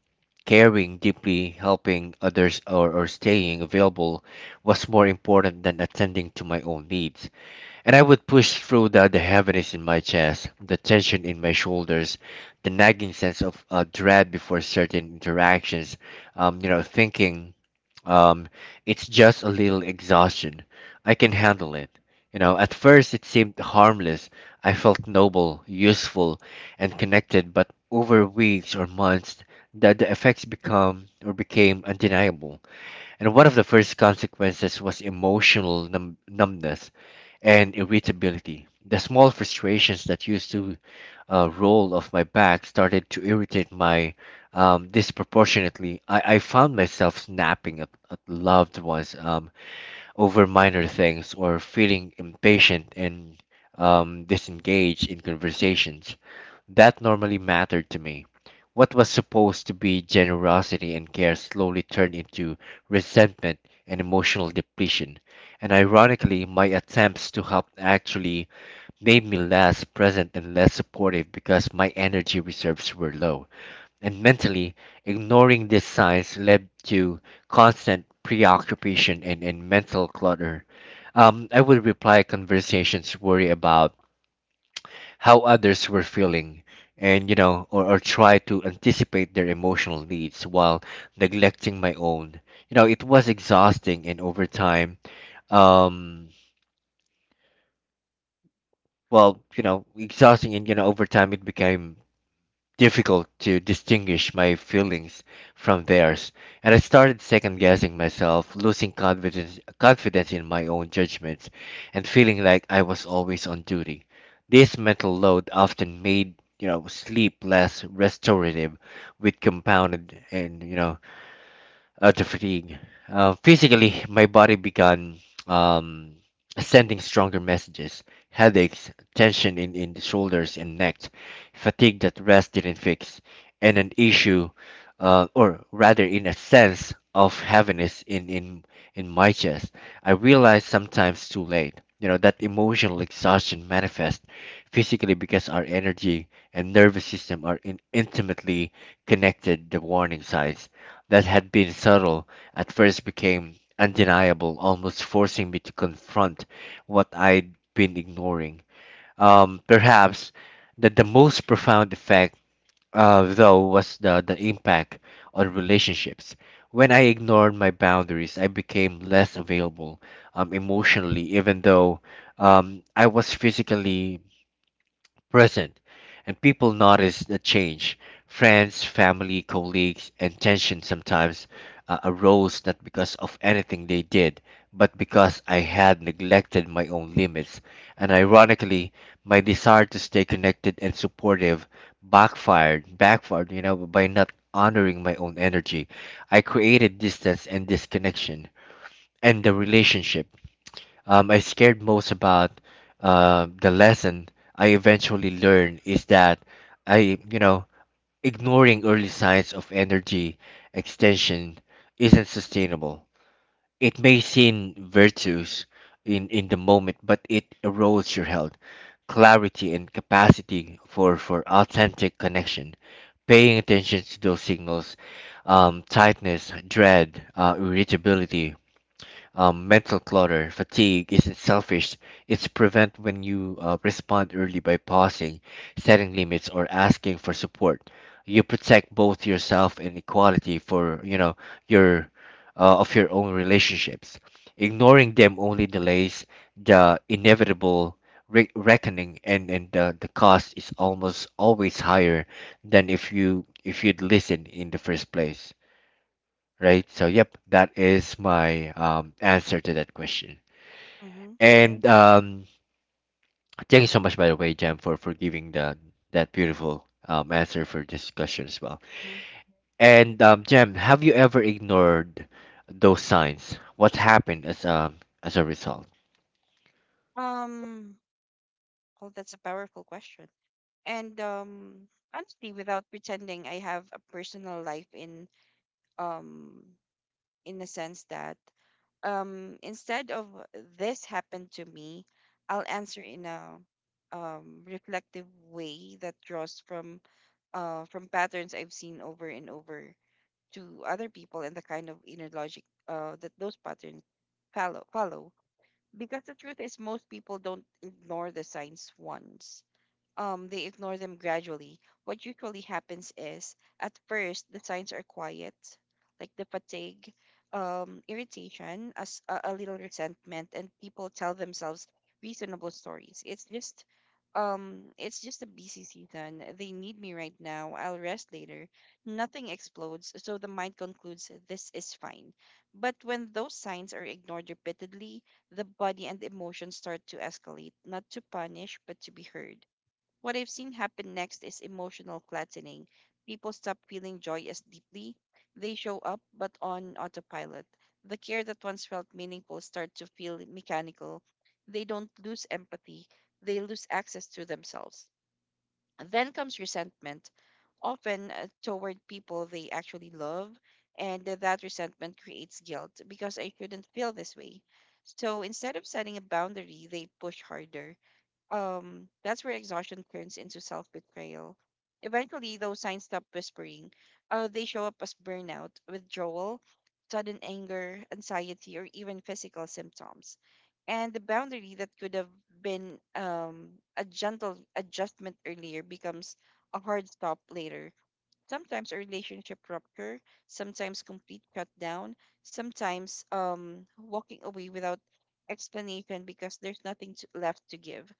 Speaker 1: caring deeply, helping others, or, or staying available was more important than attending to my own needs. And I would push through the, the heaviness in my chest, the tension in my shoulders, the nagging sense of uh, dread before certain interactions, um, you know, thinking um, it's just a little exhaustion. I can handle it. You know, at first it seemed harmless. I felt noble, useful, and connected, but over weeks or months, the, the effects become or became undeniable. And one of the first consequences was emotional numb- numbness and irritability. The small frustrations that used to uh, roll off my back started to irritate my, um, disproportionately. I, I found myself snapping at, at loved ones um, over minor things or feeling impatient and um, disengaged in conversations. That normally mattered to me. What was supposed to be generosity and care slowly turned into resentment and emotional depletion, and ironically, my attempts to help actually made me less present and less supportive because my energy reserves were low. And mentally, ignoring these signs led to constant preoccupation and, and mental clutter. Um, I would reply conversations worry about how others were feeling and you know or, or try to anticipate their emotional needs while neglecting my own. You know, it was exhausting and over time, um well you know exhausting and you know over time it became difficult to distinguish my feelings from theirs, and I started second guessing
Speaker 2: Mm-hmm.
Speaker 1: myself, losing confidence, confidence in my own judgments, and feeling like I was always on duty. This mental load often made, you know, sleep less restorative, with compounded and, you know, uh, to fatigue. Uh, physically, my body began um, sending stronger messages, headaches, tension in, in the shoulders and neck, fatigue that rest didn't fix, and an issue, uh, or rather, in a sense of heaviness in, in, in my chest. I realized sometimes too late. You know, that emotional exhaustion manifests physically because our energy and nervous system are in, intimately connected, the warning signs that had been subtle at first became undeniable, almost forcing me to confront what I'd been ignoring. Um, perhaps that the most profound effect, uh, though, was the, the impact on relationships. When I ignored my boundaries, I became less available um, emotionally, even though um, I was physically present, and people notice the change. Friends, family, colleagues, and tension sometimes uh, arose not because of anything they did, but because I had neglected my own limits. And ironically, my desire to stay connected and supportive backfired, backfired, you know, by not honoring my own energy. I created distance and disconnection, and the relationship um, I scared most about, uh, the lesson I eventually learned is that I, you know, ignoring early signs of energy extension isn't sustainable. It may seem virtuous in, in the moment, but it erodes your health, clarity, and capacity for, for authentic connection. Paying attention to those signals, um, tightness, dread, uh, irritability, um, mental clutter. Fatigue isn't selfish, it's prevent when you uh, respond early by pausing, setting limits, or asking for support. You protect both yourself and equality for, you know, your, uh, of your own relationships. Ignoring them only delays the inevitable re- reckoning, and and the, the cost is almost always higher than if you if you'd listen in the first place, right? So, yep, that is my um, answer to that question.
Speaker 2: Mm-hmm.
Speaker 1: And um, thank you so much, by the way, Jam, for, for giving the, that beautiful um, answer for this question as well.
Speaker 2: Mm-hmm.
Speaker 1: And um, Jam, have you ever ignored those signs? What happened as um as a result?
Speaker 2: Um, well, that's a powerful question. And um, Honestly, without pretending, I have a personal life in um, in the sense that um, instead of this happened to me, I'll answer in a um, reflective way that draws from uh, from patterns I've seen over and over to other people and the kind of inner logic uh, that those patterns follow follow. Because the truth is, most people don't ignore the signs once. Um, they ignore them gradually. What usually happens is, at first, the signs are quiet, like the fatigue, um, irritation, as a, a little resentment, and people tell themselves reasonable stories. It's just, um, it's just a busy season. They need me right now. I'll rest later. Nothing explodes, so the mind concludes this is fine. But when those signs are ignored repeatedly, the body and emotions start to escalate, not to punish, but to be heard. What I've seen happen next is emotional flattening. People stop feeling joy as deeply. They show up, but on autopilot. The care that once felt meaningful starts to feel mechanical. They don't lose empathy, they lose access to themselves. Then comes resentment, often uh, toward people they actually love, and uh, that resentment creates guilt because I shouldn't feel this way. So instead of setting a boundary, they push harder. Um that's where exhaustion turns into self-betrayal. Eventually, those signs stop whispering. Uh, they show up as burnout, withdrawal, sudden anger, anxiety, or even physical symptoms. And the boundary that could have been um, a gentle adjustment earlier becomes a hard stop later. Sometimes a relationship rupture, sometimes complete shutdown, sometimes um, walking away without explanation because there's nothing to, left to give.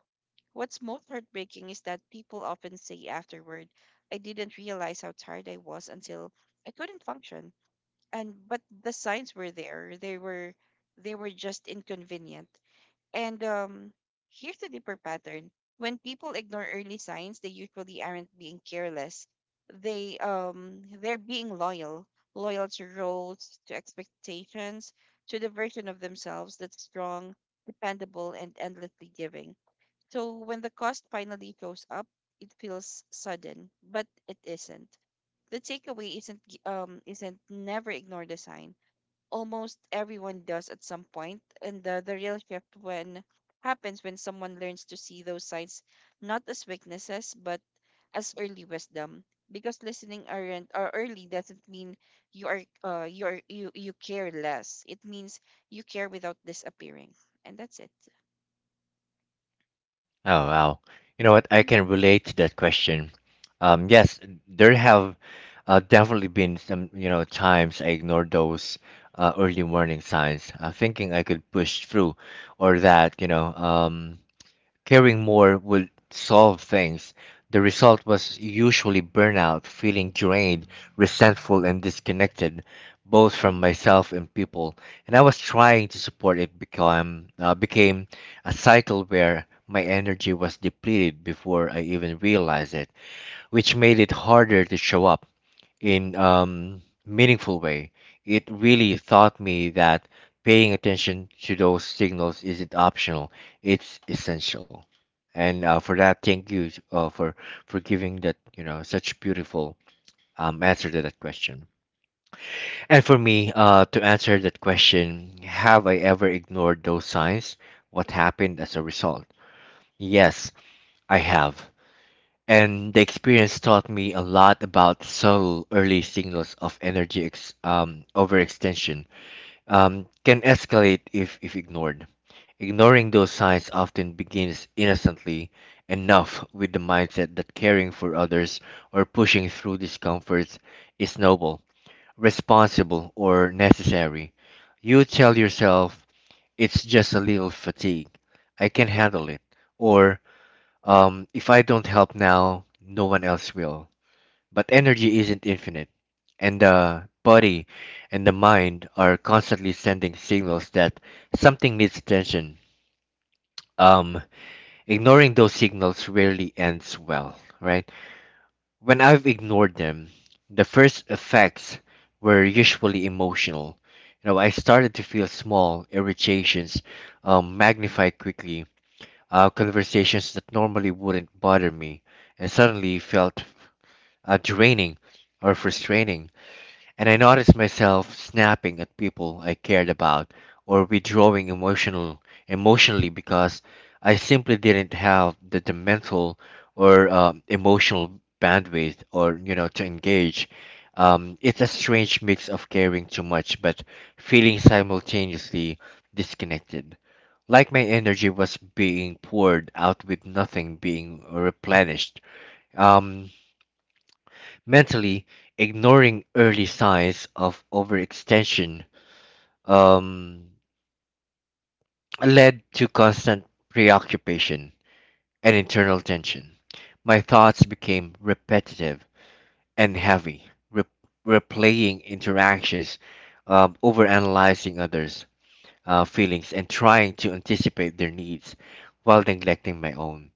Speaker 2: What's most heartbreaking is that people often say afterward, I didn't realize how tired I was until I couldn't function. And but the signs were there. They were they were just inconvenient. And um Here's the deeper pattern. When people ignore early signs, they usually aren't being careless. They um they're being loyal, loyal to roles, to expectations, to the version of themselves that's strong, dependable, and endlessly giving. So when the cost finally goes up, it feels sudden, but it isn't. The takeaway isn't g- um isn't never ignore the sign. Almost everyone does at some point, and the, the real shift when happens when someone learns to see those signs not as weaknesses but as early wisdom. Because listening aren't or early doesn't mean you are uh you are you you care less. It means you care without disappearing, and that's it.
Speaker 1: Oh wow. You know what? I
Speaker 2: Mhm,
Speaker 1: can relate to that question. Um, yes, there have uh, definitely been some, you know, times I ignored those uh, early warning signs, uh, thinking I could push through, or that, you know, um, caring more would solve things. The result was usually burnout, feeling drained, resentful, and disconnected, both
Speaker 2: mhm,
Speaker 1: from
Speaker 2: mhm.
Speaker 1: myself and people. And I was trying to support it become uh, became a cycle where my energy was depleted before I even realized it, which made it harder to show up in um meaningful way. It really taught me that paying attention to those signals isn't optional; it's essential. And uh, for that, thank you uh, for for giving that, you know, such beautiful um, answer to that question. And for me, uh, to answer that question, have I ever ignored those signs? What happened as a result? Yes, I have, and the experience taught me a lot about subtle early signals of energy ex- um, overextension, um, can escalate if, if ignored. Ignoring those signs often begins innocently enough with the mindset that caring for others or pushing through discomforts is noble, responsible, or necessary. You tell yourself, it's just a little fatigue, I can handle it, or um, if I don't help now, no one else will. But energy isn't infinite, and the body and the mind are constantly sending signals that something needs attention. Um, ignoring those signals rarely ends well, right? When I've ignored them, the first effects were usually emotional. You know, I started to feel small irritations um, magnify quickly, uh, conversations that normally wouldn't bother me, and suddenly felt uh, draining or frustrating, and I noticed myself snapping at people I cared about or withdrawing emotional emotionally because I simply didn't have the, the mental or um, emotional bandwidth or, you know, to engage. Um, it's a strange mix of caring too much but feeling simultaneously disconnected. Like my energy was being poured out with nothing being replenished. Um, mentally ignoring early signs of overextension, um, led to constant preoccupation and internal tension. My thoughts became repetitive and heavy, re- replaying interactions, um, overanalyzing others' uh, feelings, and trying to anticipate their needs while neglecting my own.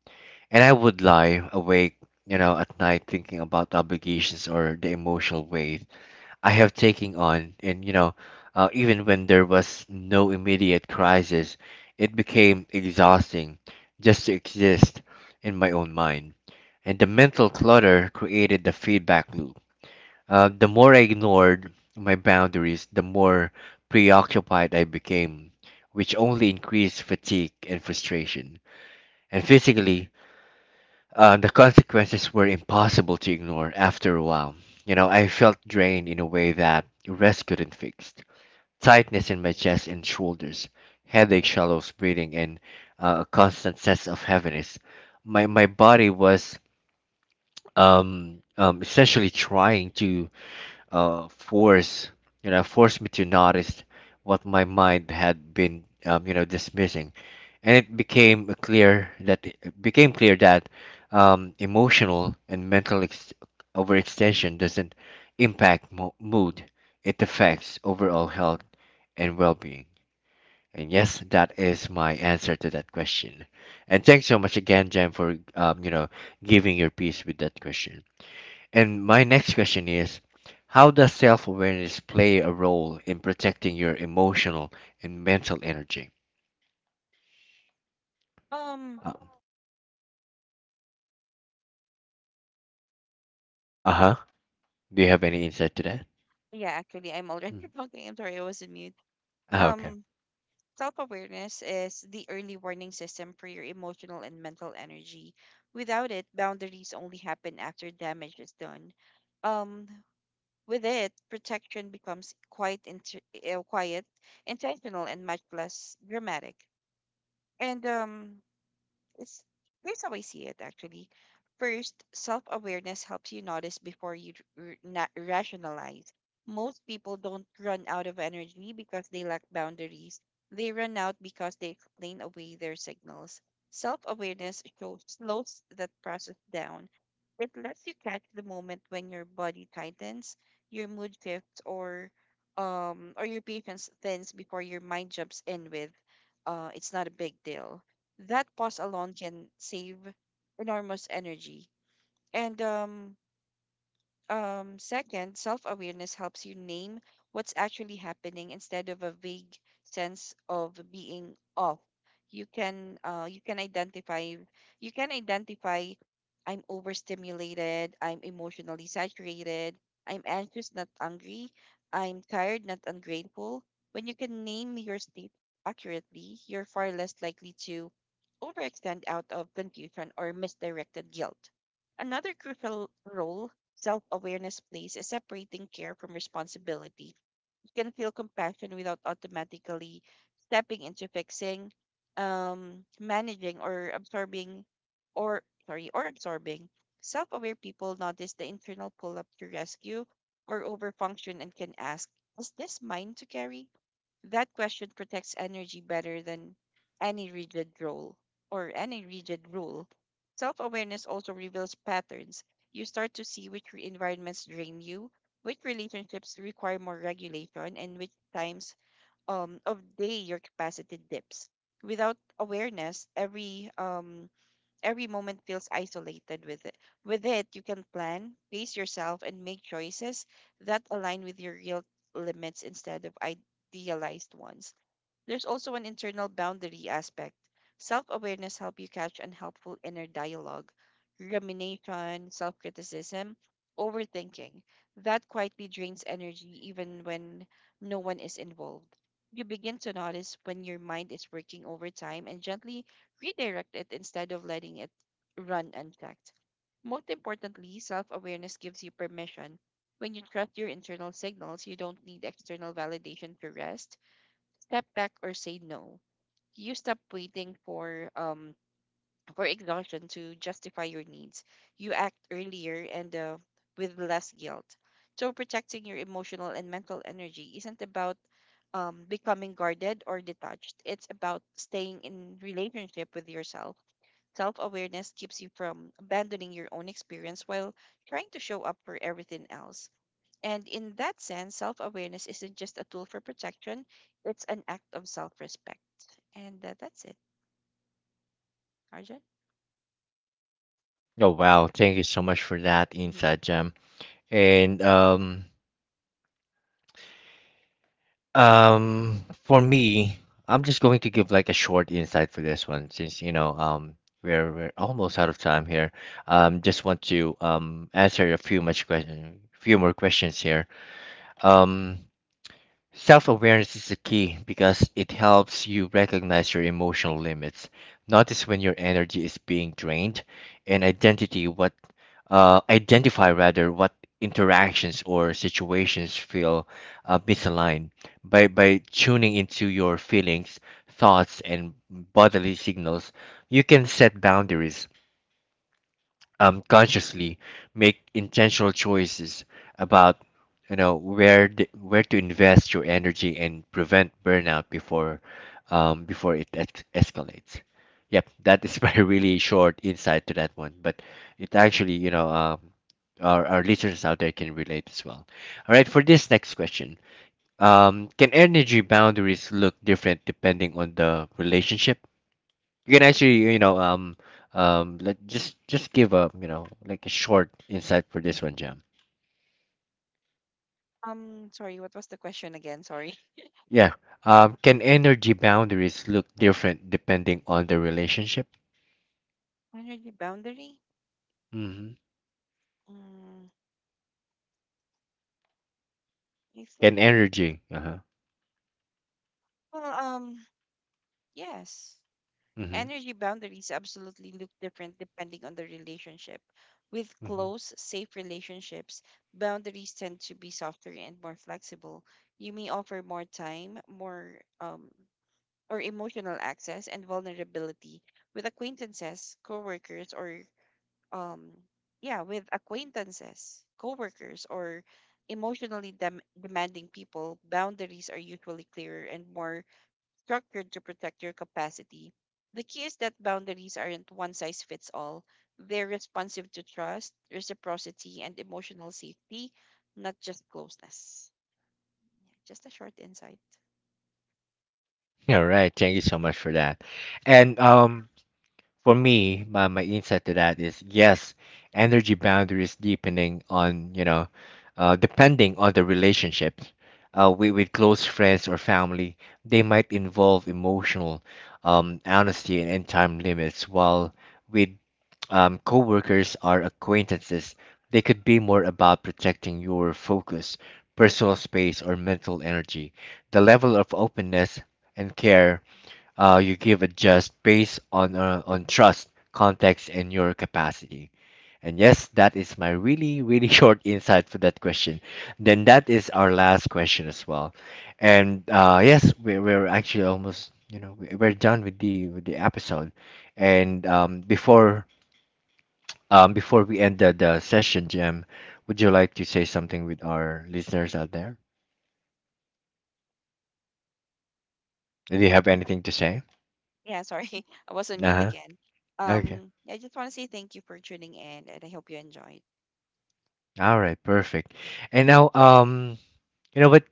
Speaker 1: And I would lie awake, you know, at night thinking about obligations or the emotional weight I have taken on, and you know, uh, even when there was no immediate crisis, it became exhausting just to exist in my own mind. And the mental clutter created the feedback loop. Uh, the more I ignored my boundaries, the more preoccupied I became, which only increased fatigue and frustration. And physically, uh, the consequences were impossible to ignore after a while. You know, I felt drained in a way that rest couldn't fix. Tightness in my chest and shoulders, headache, shallow breathing, and uh, a constant sense of heaviness. My my body was, um, um, essentially trying to uh, force, you know, forced me to notice what my mind had been, um, you know, dismissing, and it became a clear that it became clear that, um, emotional and mental ex- overextension doesn't impact mo- mood, it affects overall health and well-being. And yes, that is my answer to that question, and thanks so much again, Jen, for, um, you know, giving your piece with that question. And my next question is, how does self awareness play a role in protecting your emotional and mental energy?
Speaker 2: Um.
Speaker 1: Uh huh. Do you have any insight to that?
Speaker 2: Yeah, actually, I'm already
Speaker 1: Mm.
Speaker 2: talking. I'm sorry, I was in mute.
Speaker 1: Ah, okay.
Speaker 2: Um, Self-awareness is the early warning system for your emotional and mental energy. Without it, boundaries only happen after damage is done. Um, with it, protection becomes quite int uh, quiet, intentional, and much less dramatic. And um, it's, Here's how I see it actually. First, self awareness helps you notice before you r- na rationalize. Most people don't run out of energy because they lack boundaries, they run out because they explain away their signals. Self awareness shows slows that process down. It lets you catch the moment when your body tightens, your mood shifts, or um, or your patience thins before your mind jumps in with, uh, it's not a big deal. That pause alone can save enormous energy. And um, um, Second, self awareness helps you name what's actually happening instead of a vague sense of being off. You can uh, you can identify you can identify I'm overstimulated, I'm emotionally saturated, I'm anxious, not angry, I'm tired, not ungrateful. When you can name your state accurately, you're far less likely to overextend out of confusion or misdirected guilt. Another crucial role self awareness plays is separating care from responsibility. You can feel compassion without automatically stepping into fixing, um, managing, or absorbing, or sorry, or absorbing. Self aware people notice the internal pull up to rescue or overfunction and can ask, is this mine to carry? That question protects energy better than any rigid rule or any rigid rule. Self awareness also reveals patterns. You start to see which re- environments drain you, which relationships require more regulation, and which times um, of day your capacity dips. Without awareness, every um, every moment feels isolated with it. With it, you can plan, pace yourself, and make choices that align with your real limits instead of idealized ones. There's also an internal boundary aspect. Self awareness helps you catch unhelpful inner dialogue, rumination, self criticism, overthinking. That quietly drains energy even when no one is involved. You begin to notice when your mind is working overtime and gently redirect it instead of letting it run unchecked. Most importantly, self awareness gives you permission. When you trust your internal signals, you don't need external validation to rest, step back or say no. You stop waiting for um for exhaustion to justify your needs. You act earlier and uh, with less guilt. So protecting your emotional and mental energy isn't about um, becoming guarded or detached. It's about staying in relationship with yourself. Self awareness keeps you from abandoning your own experience while trying to show up for everything else. And in that sense, self awareness isn't just a tool for protection, it's an act of self respect. And uh, That's it, Arjun.
Speaker 1: Oh, wow. Thank you so much for that
Speaker 2: Hmm.
Speaker 1: insight, Jam. And um, um, for me, I'm just going to give like a short insight for this one since, you know, um, we're, we're almost out of time here. Um, just want to um, answer a few much question, few more questions here. Um, Self awareness is the key because it helps you recognize your emotional limits, notice when your energy is being drained, and identity what uh, identify rather what interactions or situations feel uh, misaligned. By by tuning into your feelings, thoughts, and bodily signals, you can set boundaries um, consciously, make intentional choices about, you know, where the, where to invest your energy and prevent burnout before um, before it ex- escalates. Yep, that is my really short insight to that one, but it actually, you know, um, our our listeners out there can relate as well. All right, for this next question, um, can energy boundaries look different depending on the relationship? You can actually, you know, um um let just just give a, you know, like a short insight for this one, Jam.
Speaker 2: Um, sorry, what was the question again? Sorry.
Speaker 1: Yeah, um, can energy boundaries look different depending on the relationship?
Speaker 2: Energy boundary?
Speaker 1: Mm-hmm.
Speaker 2: Mm, I think.
Speaker 1: Can energy, uh-huh.
Speaker 2: Well, um, yes.
Speaker 1: Mm-hmm.
Speaker 2: Energy boundaries absolutely look different depending on the relationship. With
Speaker 1: Mm-hmm.
Speaker 2: close, safe relationships, boundaries tend to be softer and more flexible. You may offer more time, more um, or emotional access and vulnerability with acquaintances, coworkers, or um, yeah, with acquaintances, coworkers, or emotionally dem- demanding people, boundaries are usually clearer and more structured to protect your capacity. The key is that boundaries aren't one size fits all. They're responsive to trust, reciprocity, and emotional safety, not just closeness. Yeah, just a short insight.
Speaker 1: All right, thank you so much for that. And um, for me, my, my insight to that is yes, energy boundaries deepening on, you know, uh, depending on the relationships. Uh, with, with close friends or family, they might involve emotional, um, honesty and, and time limits, while with um, coworkers or acquaintances, they could be more about protecting your focus, personal space, or mental energy. The level of openness and care uh, you give a just based on uh, on trust, context, and your capacity. And yes, that is my really really short insight for that question. Then that is our last question as well. And uh, yes, we're, we're actually almost, you know, we- we're done with the with the episode. And um, before um, before we end the, the session, Jim, would you like to say something with our listeners out there? Do you have anything to say?
Speaker 2: Yeah, sorry. I was on
Speaker 1: Uh
Speaker 2: mute
Speaker 1: huh.
Speaker 2: again.
Speaker 1: Okay.
Speaker 2: Um, yeah, I just want to say thank you for tuning in and I hope you enjoyed.
Speaker 1: All right. Perfect. And now, um, you know what?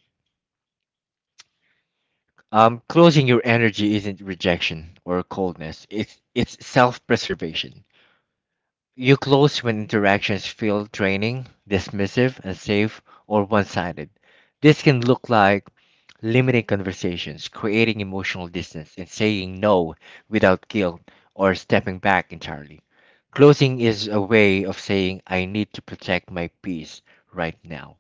Speaker 1: Um, closing your energy isn't rejection or coldness. It's it's self-preservation. You close when interactions feel draining, dismissive, unsafe, or one-sided. This can look like limiting conversations, creating emotional distance, and saying no without guilt or stepping back entirely. Closing is a way of saying I need to protect my peace right now,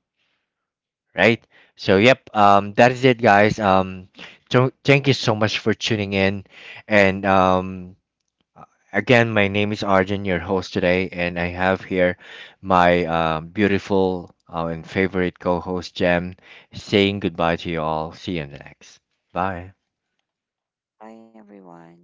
Speaker 1: right? So yep, um, that is it, guys. Um, so, thank you so much for tuning in, and um, again, my name is Arjun, your host today, and I have here my um, beautiful uh, and favorite co-host Jem, saying goodbye to you all. See you in the next. Bye.
Speaker 2: Bye, everyone.